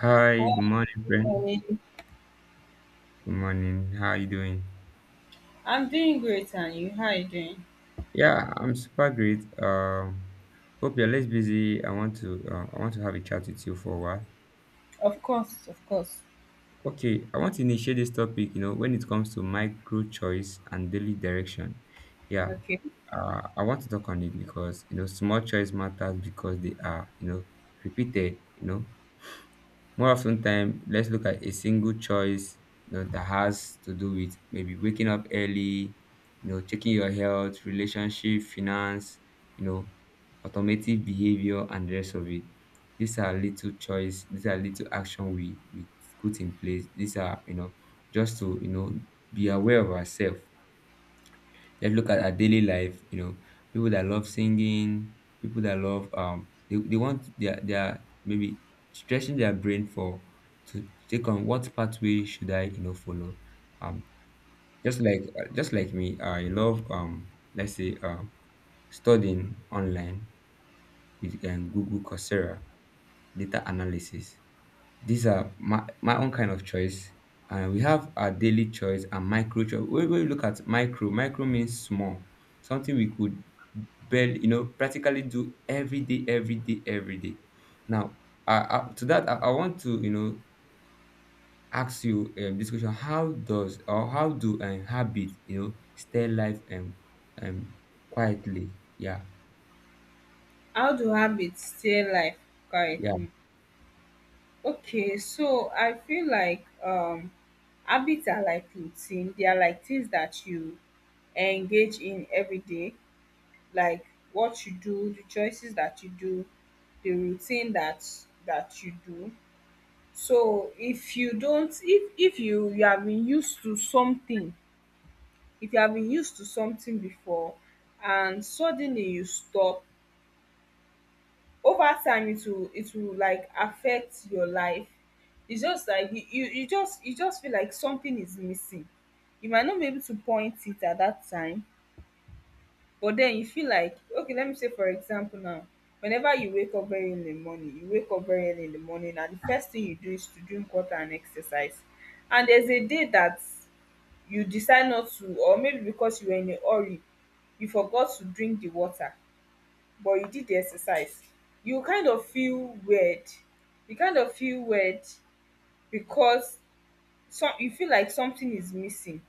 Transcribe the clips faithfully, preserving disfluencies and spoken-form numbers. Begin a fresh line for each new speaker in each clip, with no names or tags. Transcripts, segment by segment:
Hi,
Hi,
good morning, friend.
morning.
Good morning. How are you doing?
I'm doing great, and you? How are you doing?
Yeah, I'm super great. Um, hope you're less busy. I want to uh, I want to have a chat with you for a while.
Of course, of course.
Okay, I want to initiate this topic. You know, when it comes to micro choice and daily direction, yeah,
Okay.
uh, I want to talk on it because you know small choice matters because they are you know repeated. You know, more often time, let's look at a single choice you know, that has to do with maybe waking up early, you know, checking your health, relationship, finance, you know, automatic behavior and the rest of it. These are little choice, these are little action we, we put in place. These are, you know, just to, you know, be aware of ourselves. Let's look at our daily life, you know, people that love singing, people that love um they, they want their their maybe stretching their brain for to take on what pathway should I, you know, follow. Um just like uh, just like me, I love um let's say um studying online with um, Google Coursera, data analysis. These are my, my own kind of choice. And we have our daily choice and micro choice. When when we look at micro, micro means small, something we could barely, you know, practically do every day, every day, every day. Now, I, I, to that, I, I want to, you know, ask you um, this question: How does or how do um, habit, you know, stay life and um, um, quietly? Yeah,
How do habits stay life
yeah.
quietly? Okay, so I feel like um, habits are like routine. They are like things that you engage in every day, like what you do, the choices that you do, the routine that that you do. So if you don't, if if you you have been used to something if you have been used to something before and suddenly you stop, over time it will it will like affect your life. It's just like you you you just you just feel like something is missing. You might not be able to point it at that time, but then you feel like, okay, let me say for example now, whenever you wake up very early in the morning, you wake up very early in the morning and the first thing you do is to drink water and exercise, and there's a day that you decide not to, or maybe because you were in a hurry, you forgot to drink the water but you did the exercise. You kind of feel weird. You kind of feel weird because some you feel like something is missing.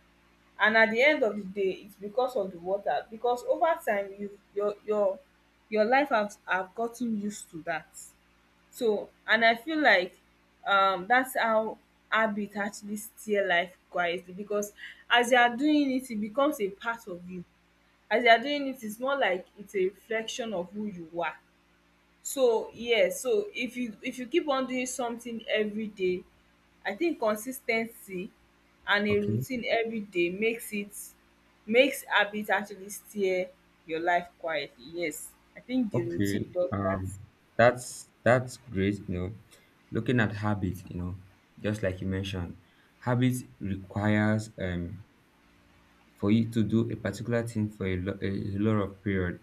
And at the end of the day, it's because of the water, because over time you your your your life have have gotten used to that. So, and I feel like um, that's how habit actually steer life quietly, because as you are doing it, it becomes a part of you. As you are doing it, it's more like it's a reflection of who you are. So yeah, so if you if you keep on doing something every day, I think consistency and a
Okay.
routine every day makes it, makes habit actually steer your life quietly. Yes, I think the
Okay,
routine does that.
um, that's that's great. You know, looking at habits, you know, just like you mentioned, habits requires um for you to do a particular thing for a, lo- a a lot of period.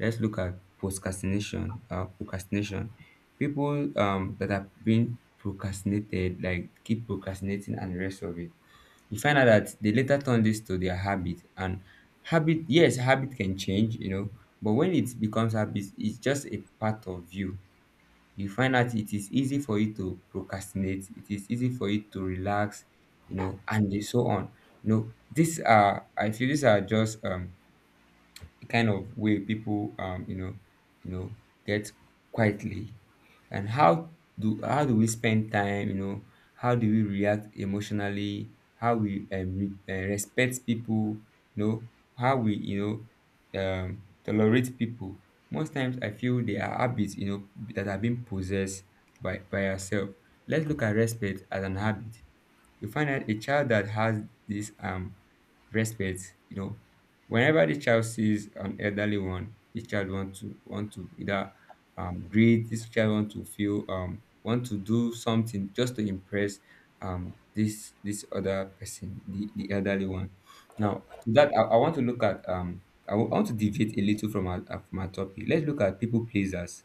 Let's look at procrastination. Uh, procrastination. People um that have been procrastinated, like keep procrastinating and the rest of it, you find out that they later turn this to their habit. And habit, yes, habit can change, you know, but when it becomes habit it's just a part of you. You find out it is easy for you to procrastinate, it is easy for you to relax, you know, and so on. You know, these are, I feel these are just um the kind of way people um you know, you know, get quietly. And how do how do we spend time, you know? How do we react emotionally, how we um, re- uh, respect people, you know, how we, you know, um tolerate people? Most times I feel they are habits, you know, that are being possessed by by ourselves. Let's look at respect as an habit. You find that a child that has this um respect, you know, whenever the child sees an elderly one, this child want to want to either um greet, this child want to feel um want to do something just to impress um this this other person, the, the elderly one. Now to that, I, I want to look at um I wa- I want to deviate a little from our uh, from our topic. Let's look at people pleasers.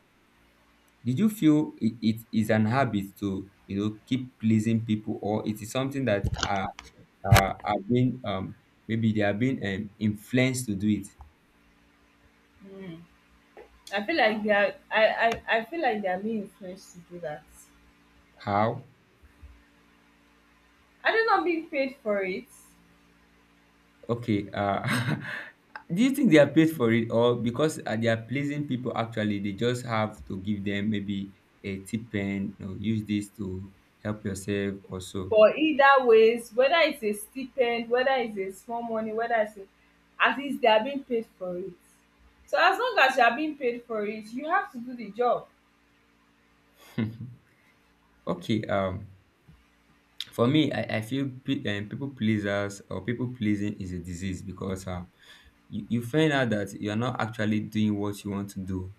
Did you feel it, it is an habit to, you know, keep pleasing people, or it is something that are are, are being um maybe they are being um, influenced to do it?
I feel like they are, I, I, I feel like they are being influenced to do that.
How?
Are they not being paid for it?
Okay. Uh, do you think they are paid for it, or because uh, they are pleasing people? Actually, they just have to give them maybe a tip and, you know, use this to help yourself or so.
But either ways, whether it's a stipend, whether it's a small money, whether it's a, at least they are being paid for it. So as long as you are being paid for it, you have to do the job.
Okay. Um, for me, I, I feel pe- um, people pleasers or people pleasing is a disease because um you, you find out that you're not actually doing what you want to do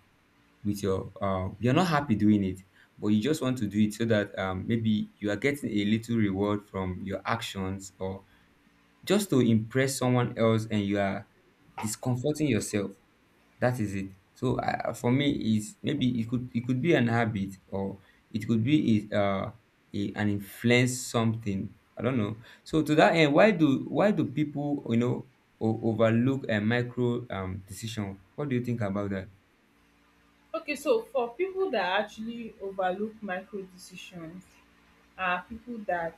with your uh, you're not happy doing it, but you just want to do it so that, um, maybe you are getting a little reward from your actions or just to impress someone else, and you are discomforting yourself. That is it. So I, for me, is maybe it could it could be an habit, or it could be a, uh, a, an influence something. I don't know. So to that end, why do why do people, you know, o- overlook a micro um decision? What do you think about that?
Okay, so for people that actually overlook micro decisions are people that,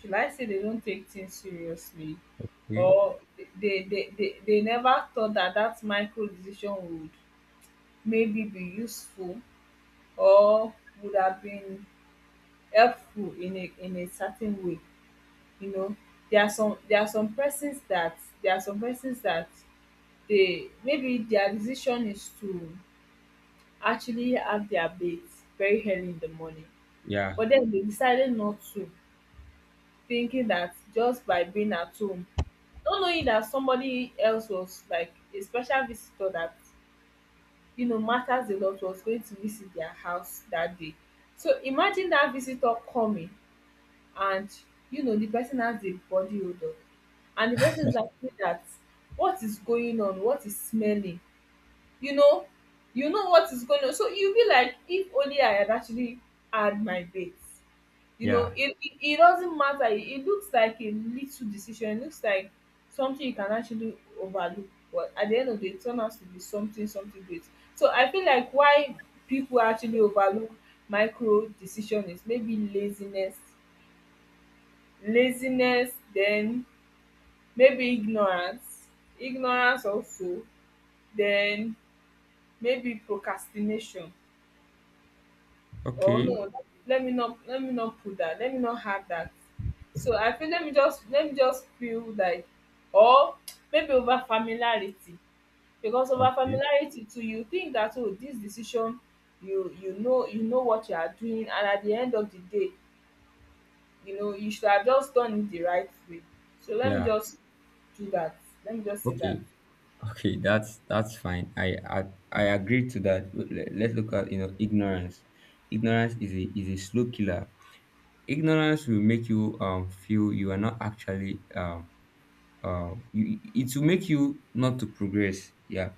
should I say, they don't take things seriously,
Okay.
or they, they, they, they never thought that that micro decision would maybe be useful, or would have been helpful in a in a certain way, you know. There are some there are some persons that, there are some persons that they, maybe their decision is to actually have their bath very early in the morning,
Yeah.
but then they decided not to, thinking that just by being at home, not knowing that somebody else was like a special visitor that, you know, matters a lot, was going to visit their house that day. So imagine that visitor coming, and you know the person has a body odor, and the person is asking that, what is going on, what is smelling, you know, you know what is going on. So you'll be like, if only I had actually had my bath. You know,
Yeah.
it it it doesn't matter. It it looks like a little decision. It looks like something you can actually overlook, but at the end of the day, it turns out to be something something great. So I feel like why people actually overlook micro decision is maybe laziness, laziness, then maybe ignorance, ignorance also, then maybe procrastination. Oh
Okay.
no, let me not let me not put that, let me not have that. So I feel, let me just let me just feel like, or maybe over familiarity, because over
Okay.
familiarity too, you think that, oh, this decision, you you know, you know what you are doing, and at the end of the day, you know you should have just done it the right way. So let me
Yeah.
just do that, let me just say
Okay.
that.
Okay. That's that's fine. I I, I agree to that. Let, let's look at, you know, ignorance. Ignorance is a is a slow killer. Ignorance will make you um, feel you are not actually um, uh, you, it will make you not to progress. Yeah,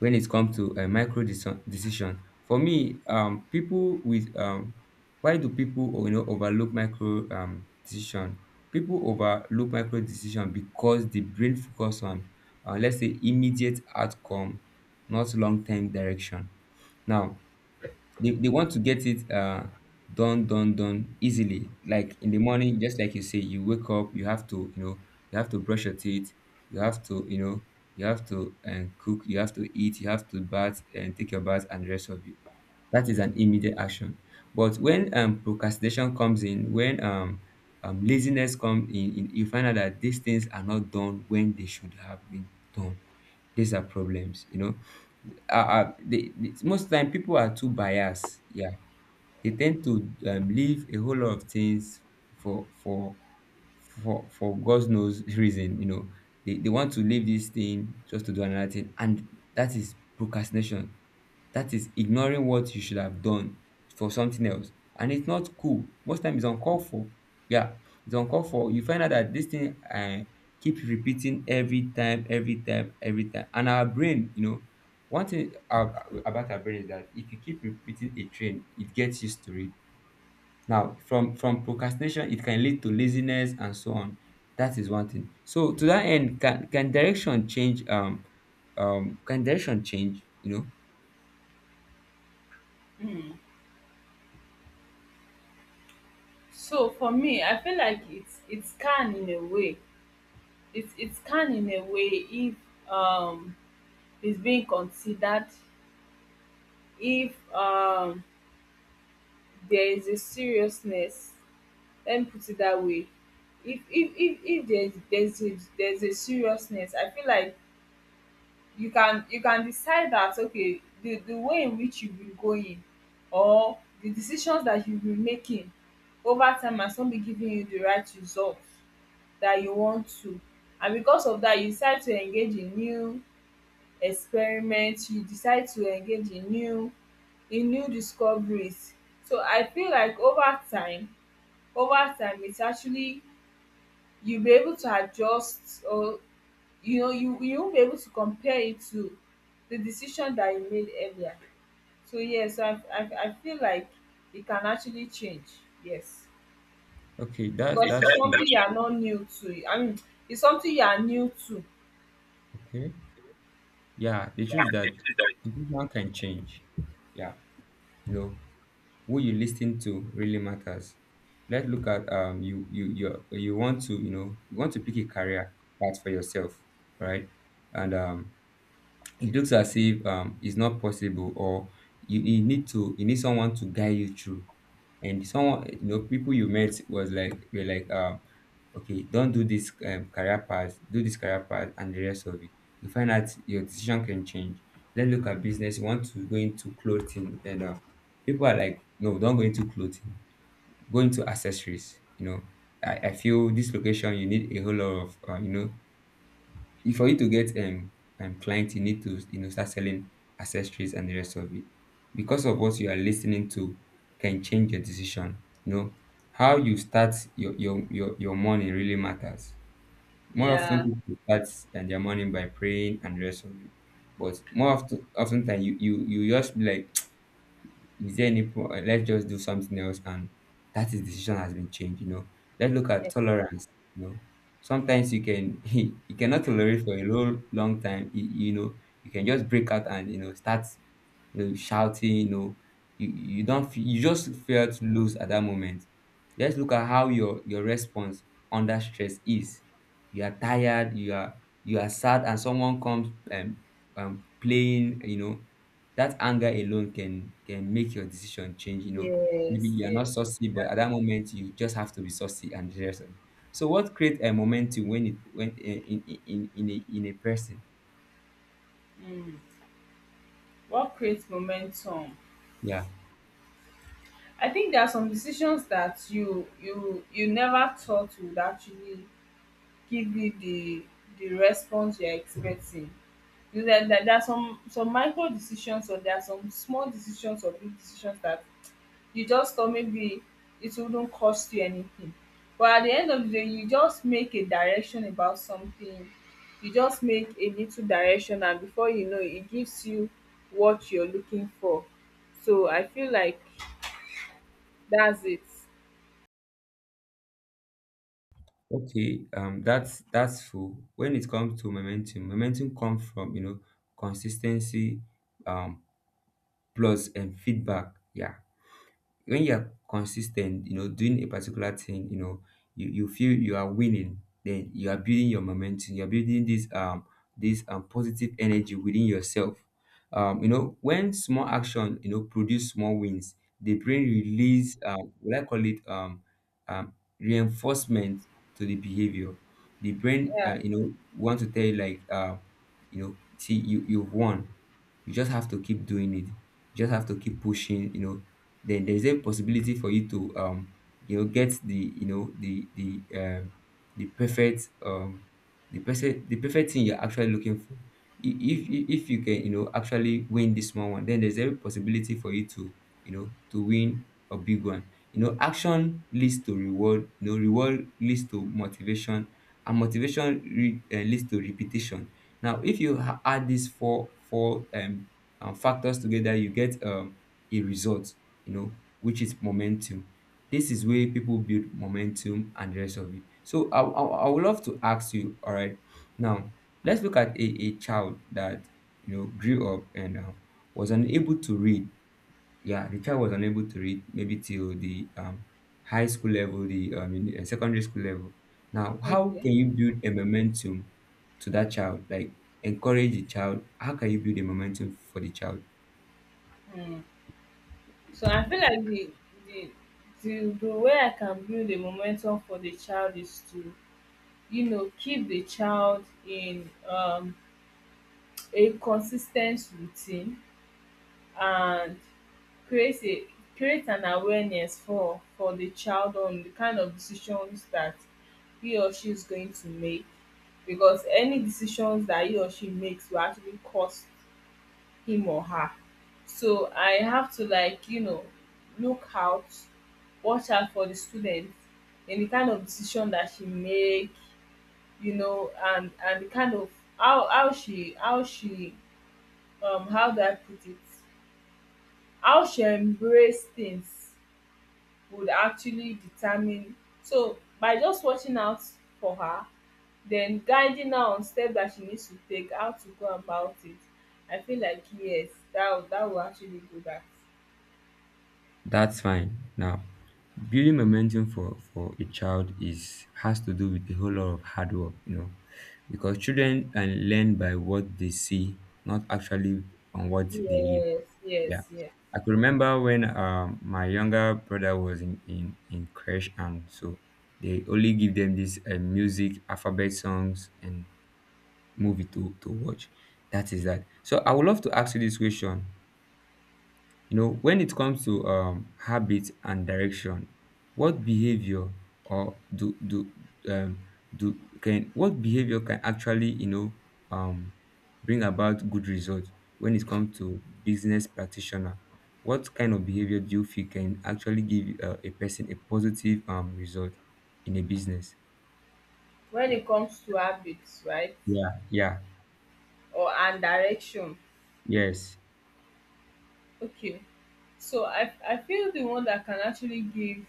when it comes to a micro deci- decision, for me, um, people with um, why do people, oh, you know, overlook micro um, decision? People overlook micro decision because the brain focus on, uh, let's say immediate outcome, not long term direction. Now, they, they want to get it uh done, done done easily, like in the morning. Just like you say, you wake up, you have to, you know, you have to brush your teeth, you have to, you know, you have to um, cook, you have to eat, you have to bath and take your bath and the rest of it. That is an immediate action. But when um procrastination comes in, when um um, laziness comes in, in you find out that these things are not done when they should have been done. These are problems, you know. uh, uh, the, the, most time people are too biased, yeah. They tend to um leave a whole lot of things for for for for God knows reason. You know, they, they want to leave this thing just to do another thing, and that is procrastination. That is ignoring what you should have done for something else. And it's not cool. Most time it's uncalled for. Yeah, it's uncalled for. You find out that this thing uh, keeps repeating every time, every time, every time. And our brain, you know, one thing ab- about our brain is that if you keep repeating a train, it gets used to it. Now, from from procrastination, it can lead to laziness and so on. That is one thing. So to that end, can can direction change? Um, um, can direction change? You know,
Mm. So for me I feel like it's it's can in a way, it's it's can in a way, if um is being considered, if um there is a seriousness, let me put it that way. If if if if there's, there's a, there's a seriousness, I feel like you can, you can decide that, okay, the the way in which you've been going, or the decisions that you've been making over time has not been giving you the right results that you want to. And because of that, you decide to engage in new experiment, you decide to engage in new, in new discoveries. So I feel like over time, over time it's actually, you'll be able to adjust, or you know you, you won't be able to compare it to the decision that you made earlier. So yes, i i, I feel like it can actually change, yes,
okay, that's
because
that's
it's
true.
something you are not new to, I mean, it's something you are new to.
Okay. Yeah, the truth is that one can change. Yeah. You know, who you listen to really matters. Let's look at um you you you you want to, you know, you want to pick a career path for yourself, right? And um it looks as if, um, it's not possible, or you, you need to, you need someone to guide you through. And someone, you know, people you met was like were like, um okay, don't do this um, career path, do this career path and the rest of it. You find out your decision can change. Let's look at business. You want to go into clothing, then, uh, people are like no, don't go into clothing, go into accessories. You know, I, I feel this location you need a whole lot of, uh, you know, if for you to get um, um clients, you need to, you know, start selling accessories and the rest of it. Because of what you are listening to can change your decision. You know, how you start your your your, your morning really matters. More often
Yeah.
people start and their morning by praying and the rest of it. But more often often time you, you you just be like, is there any pro- uh, let's just do something else. And that is decision has been changed, you know. Let's look at
Yes,
tolerance, you know, sometimes you can you cannot tolerate for a long long time. you, you know, you can just break out and, you know, start, you know, shouting, you know, you, you don't feel, you just felt loose at that moment. Let's look at how your your response under stress is. You are tired, you are, you are sad, and someone comes, um, um playing, you know, that anger alone can can make your decision change, you know. Maybe
yes,
you are
yes.
not saucy, but at that moment you just have to be saucy and serious. So what creates a momentum when it when in in in, in a in a person?
Mm. What creates momentum?
Yeah.
I think there are some decisions that you you you never thought would actually give you the the response you're expecting. You know, there, there, there are some some micro decisions, or there are some small decisions or big decisions that you just thought maybe it wouldn't cost you anything. But at the end of the day, you just make a direction about something. You just make a little direction, and before you know, it it gives you what you're looking for. So I feel like that's it.
Okay, um, that's that's full. When it comes to momentum, momentum comes from, you know, consistency, um, plus and feedback. Yeah, when you are consistent, you know, doing a particular thing, you know, you, you feel you are winning, then you are building your momentum, you're building this um this um positive energy within yourself. Um, you know, when small action, you know, produce small wins, the brain release um what I call it um um reinforcement to the behavior. The brain
Yeah.
uh, you know want to tell you like uh you know see you you've won. You just have to keep doing it. You just have to keep pushing, you know, then there is a possibility for you to um you know get the you know the the um the perfect um the perfect the perfect thing you're actually looking for. I- If if if you can you know actually win this small one, then there's every possibility for you to you know to win a big one. You know, action leads to reward. You know, reward leads to motivation, and motivation re- uh, leads to repetition. Now, if you ha- add these four four um, um factors together, you get um a result, you know, which is momentum. This is where people build momentum and the rest of it. So I, I, I would love to ask you, all right, now let's look at a, a child that, you know, grew up and uh, was unable to read. Yeah, the child was unable to read maybe till the um, high school level, the um, uni- uh, secondary school level. Now, how
Okay.
can you build a momentum to that child? Like, encourage the child. How can you build a momentum for the child?
Mm. So I feel like the the the, the way I can build a momentum for the child is to, you know, keep the child in um, a consistent routine, and create a, create an awareness for for the child on the kind of decisions that he or she is going to make, because any decisions that he or she makes will actually cost him or her. So I have to, like, you know, look out, watch out for the student, in the kind of decision that she make, you know, and and the kind of, how how she, how she, um how do I put it, how she embrace things would actually determine. So by just watching out for her, then guiding her on steps that she needs to take, how to go about it, I feel like yes, that will, that will actually do that.
That's fine. Now, building momentum for for a child is has to do with a whole lot of hard work, you know, because children and learn by what they see, not actually on what they hear.
Yes,
Yeah,
yes, yes.
I could remember when um, my younger brother was in in in crash, and so they only give them this uh, music, alphabet songs, and movie to to watch. That is that. So I would love to ask you this question, you know, when it comes to um, habits and direction, what behavior or do do um, do can what behavior can actually you know um, bring about good results when it comes to business practitioner? What kind of behavior do you feel can actually give uh, a person a positive um, result in a business?
When it comes to habits, right,
Yeah, yeah,
or and direction,
yes,
okay. So i i feel the one that can actually give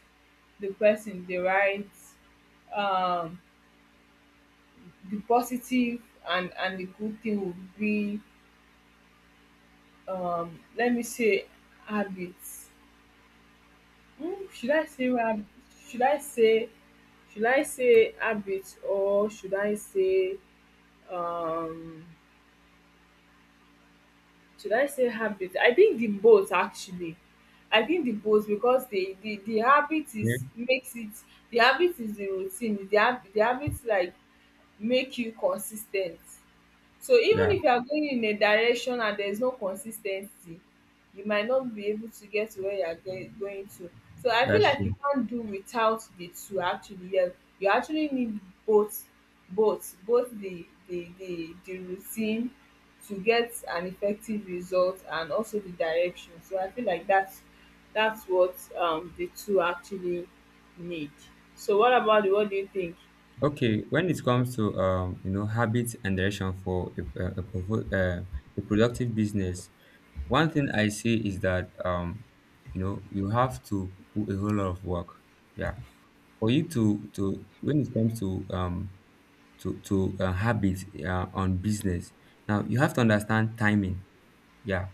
the person the right, um the positive and and the good thing would be, um let me say habits, um should I say hab, should I say, should I say habit, or should I say, um should I say habit, I think the both actually, I think the both, because the the the habit is,
yeah,
makes it, the habit is the routine, the hab the habit, like, make you consistent. So even
yeah.
if you are going in a direction and there is no consistency, you might not be able to get to where you are goi- going to. So I feel
That's
like you
true.
can't do without the two, actually. Yes, you actually need both, both both the, the the the routine to get an effective result, and also the direction. So I feel like that's that's what, um the two actually need. So what about you? What do you think?
Okay, when it comes to um, you know habits and direction for a, a, a provo- uh, a productive business, one thing I see is that um, you know you have to put a whole lot of work. Yeah, for you to to when it comes to um to to uh, habits uh, on business. Now you have to understand timing, yeah,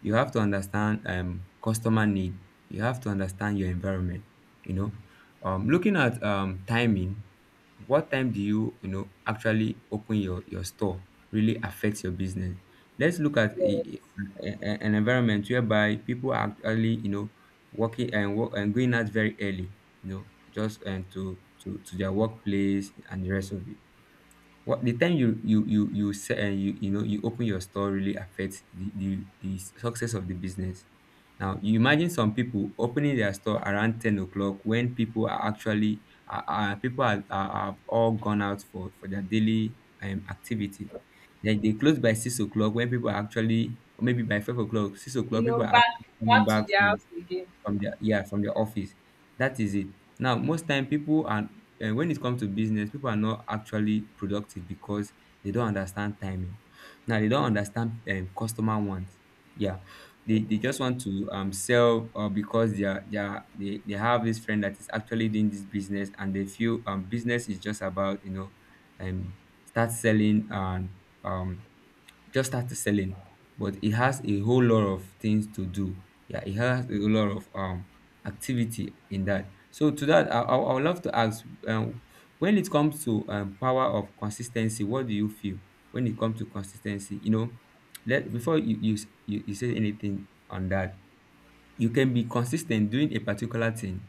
you have to understand um, customer need. You have to understand your environment. You know, um, looking at um, timing, what time do you you know actually open your your store really affects your business. Let's look at a,
Yeah.
a- a- an environment whereby people are actually you know working and work and going out very early. You know, just and to to to their workplace and the rest of it. What the time you you you you say and you you know you open your store really affects the the the success of the business. Now you imagine some people opening their store around ten o'clock when people are actually are, are people are, are, are all gone out for for their daily um, activity. Then they close by six o'clock when people are actually or maybe by five o'clock, six
You
o'clock people
know,
are
back
actually coming
back to
back
the
from
house again.
from their, yeah, from their office. That is it. Now, most time people are, and when it comes to business people are not actually productive because they don't understand timing. Now they don't understand um, customer wants, yeah, they, they just want to um, sell uh, because they are, they, are, they they have this friend that is actually doing this business and they feel um, business is just about you know um, start selling and um, just start selling, but it has a whole lot of things to do. Yeah, it has a whole lot of um activity in that. So to that, I, I, I would love to ask, um, when it comes to um, power of consistency, what do you feel when it comes to consistency? You know, let before you you s- you, you say anything on that, you can be consistent doing a particular thing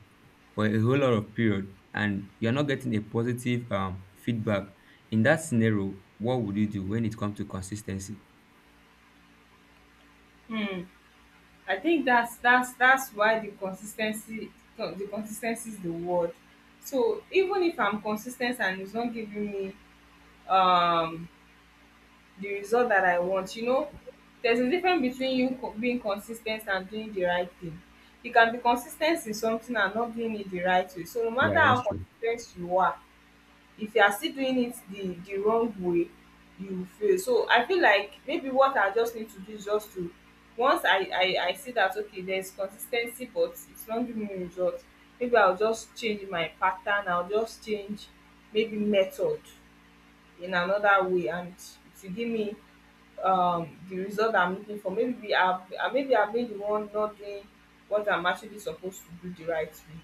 for a whole lot of period, and you're not getting a positive um feedback. In that scenario, what would you do when it comes to consistency?
Hmm. I think that's, that's that's why the consistency, co- the consistency is the word. So even if I'm consistent and it's not giving me um the result that I want, you know, there's a difference between you, co- being consistent and doing the right thing. You can be consistent in something and not doing it the right way. So no
Yeah,
matter
that's
how
true.
consistent you are, if you are still doing it the the wrong way, you will fail. So I feel like maybe what I just need to do is just to, once i i i see that, okay, there is consistency, but it's not giving me results, maybe I'll just change my pattern, I'll just change maybe method in another way, and to give me um the result I'm looking for. Maybe I've uh, maybe I've been the one not doing what I'm actually supposed to do the right way.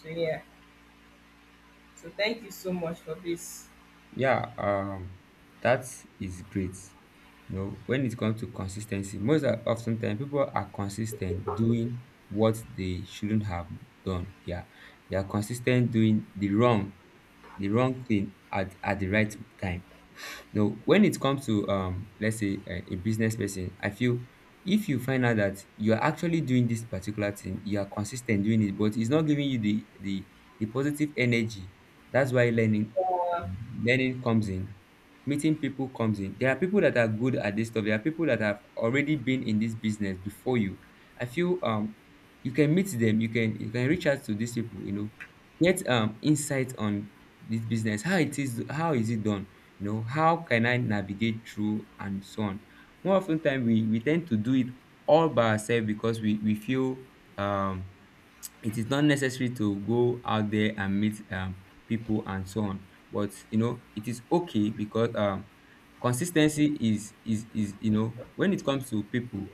So yeah, so thank you so much for this.
Yeah, um, that is great. You know, when it comes to consistency, most of- often people are consistent doing what they shouldn't have done. Yeah, they are consistent doing the wrong, the wrong thing at, at the right time. Now, when it comes to um, let's say a, a business person, I feel if you find out that you are actually doing this particular thing, you are consistent doing it, but it's not giving you the the, the positive energy. That's why learning um, learning comes in, meeting people comes in. There are people that are good at this stuff. There are people that have already been in this business before you. I feel um you can meet them. You can you can reach out to these people. You know, get um insight on this business. How it is. How is it done? You know, how can I navigate through and so on? More often time we we tend to do it all by ourselves because we we feel um it is not necessary to go out there and meet um people and so on, but you know it is okay because um consistency is is is you know when it comes to people,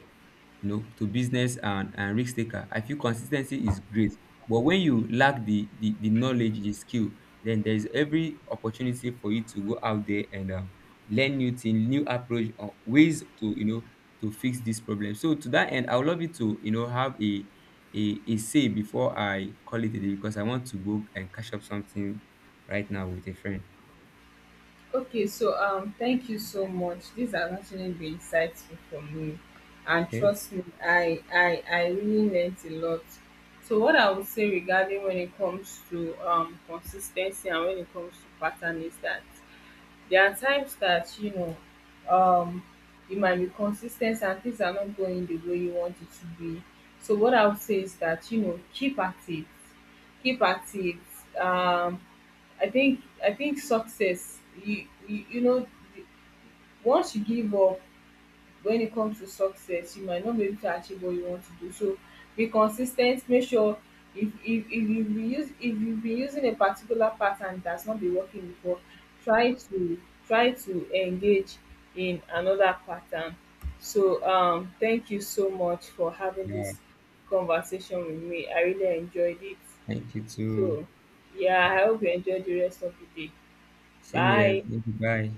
you know, to business and and risk taker, I feel consistency is great, but when you lack the the the knowledge, the skill, then there is every opportunity for you to go out there and um, learn new thing, new approach or ways to you know to fix this problem. So to that end, I would love you to you know have a a a say before I call it a day because I want to go and catch up something right now with a friend.
Okay, so um, thank you so much. These have actually been insightful for me, and
Okay.
trust me, I I I really learnt a lot. So what I would say regarding when it comes to um consistency, and when it comes to pattern, is that there are times that you know, um you might be consistent and things are not going the way you want it to be. So what I would say is that, you know, keep at it, keep at it. Um, I think, I think success, You you, you know, the-, once you give up when it comes to success, you might not be able to achieve what you want to do. So be consistent. Make sure if if, if you be use if you've been using a particular pattern that's not been working before, try to, try to engage in another pattern. So um, thank you so much for having
Yeah,
this conversation with me. I really enjoyed it.
thank you too.
So yeah,
Yeah,
I hope you enjoy the rest of the day.
same here.
Bye.
Thank you. Bye.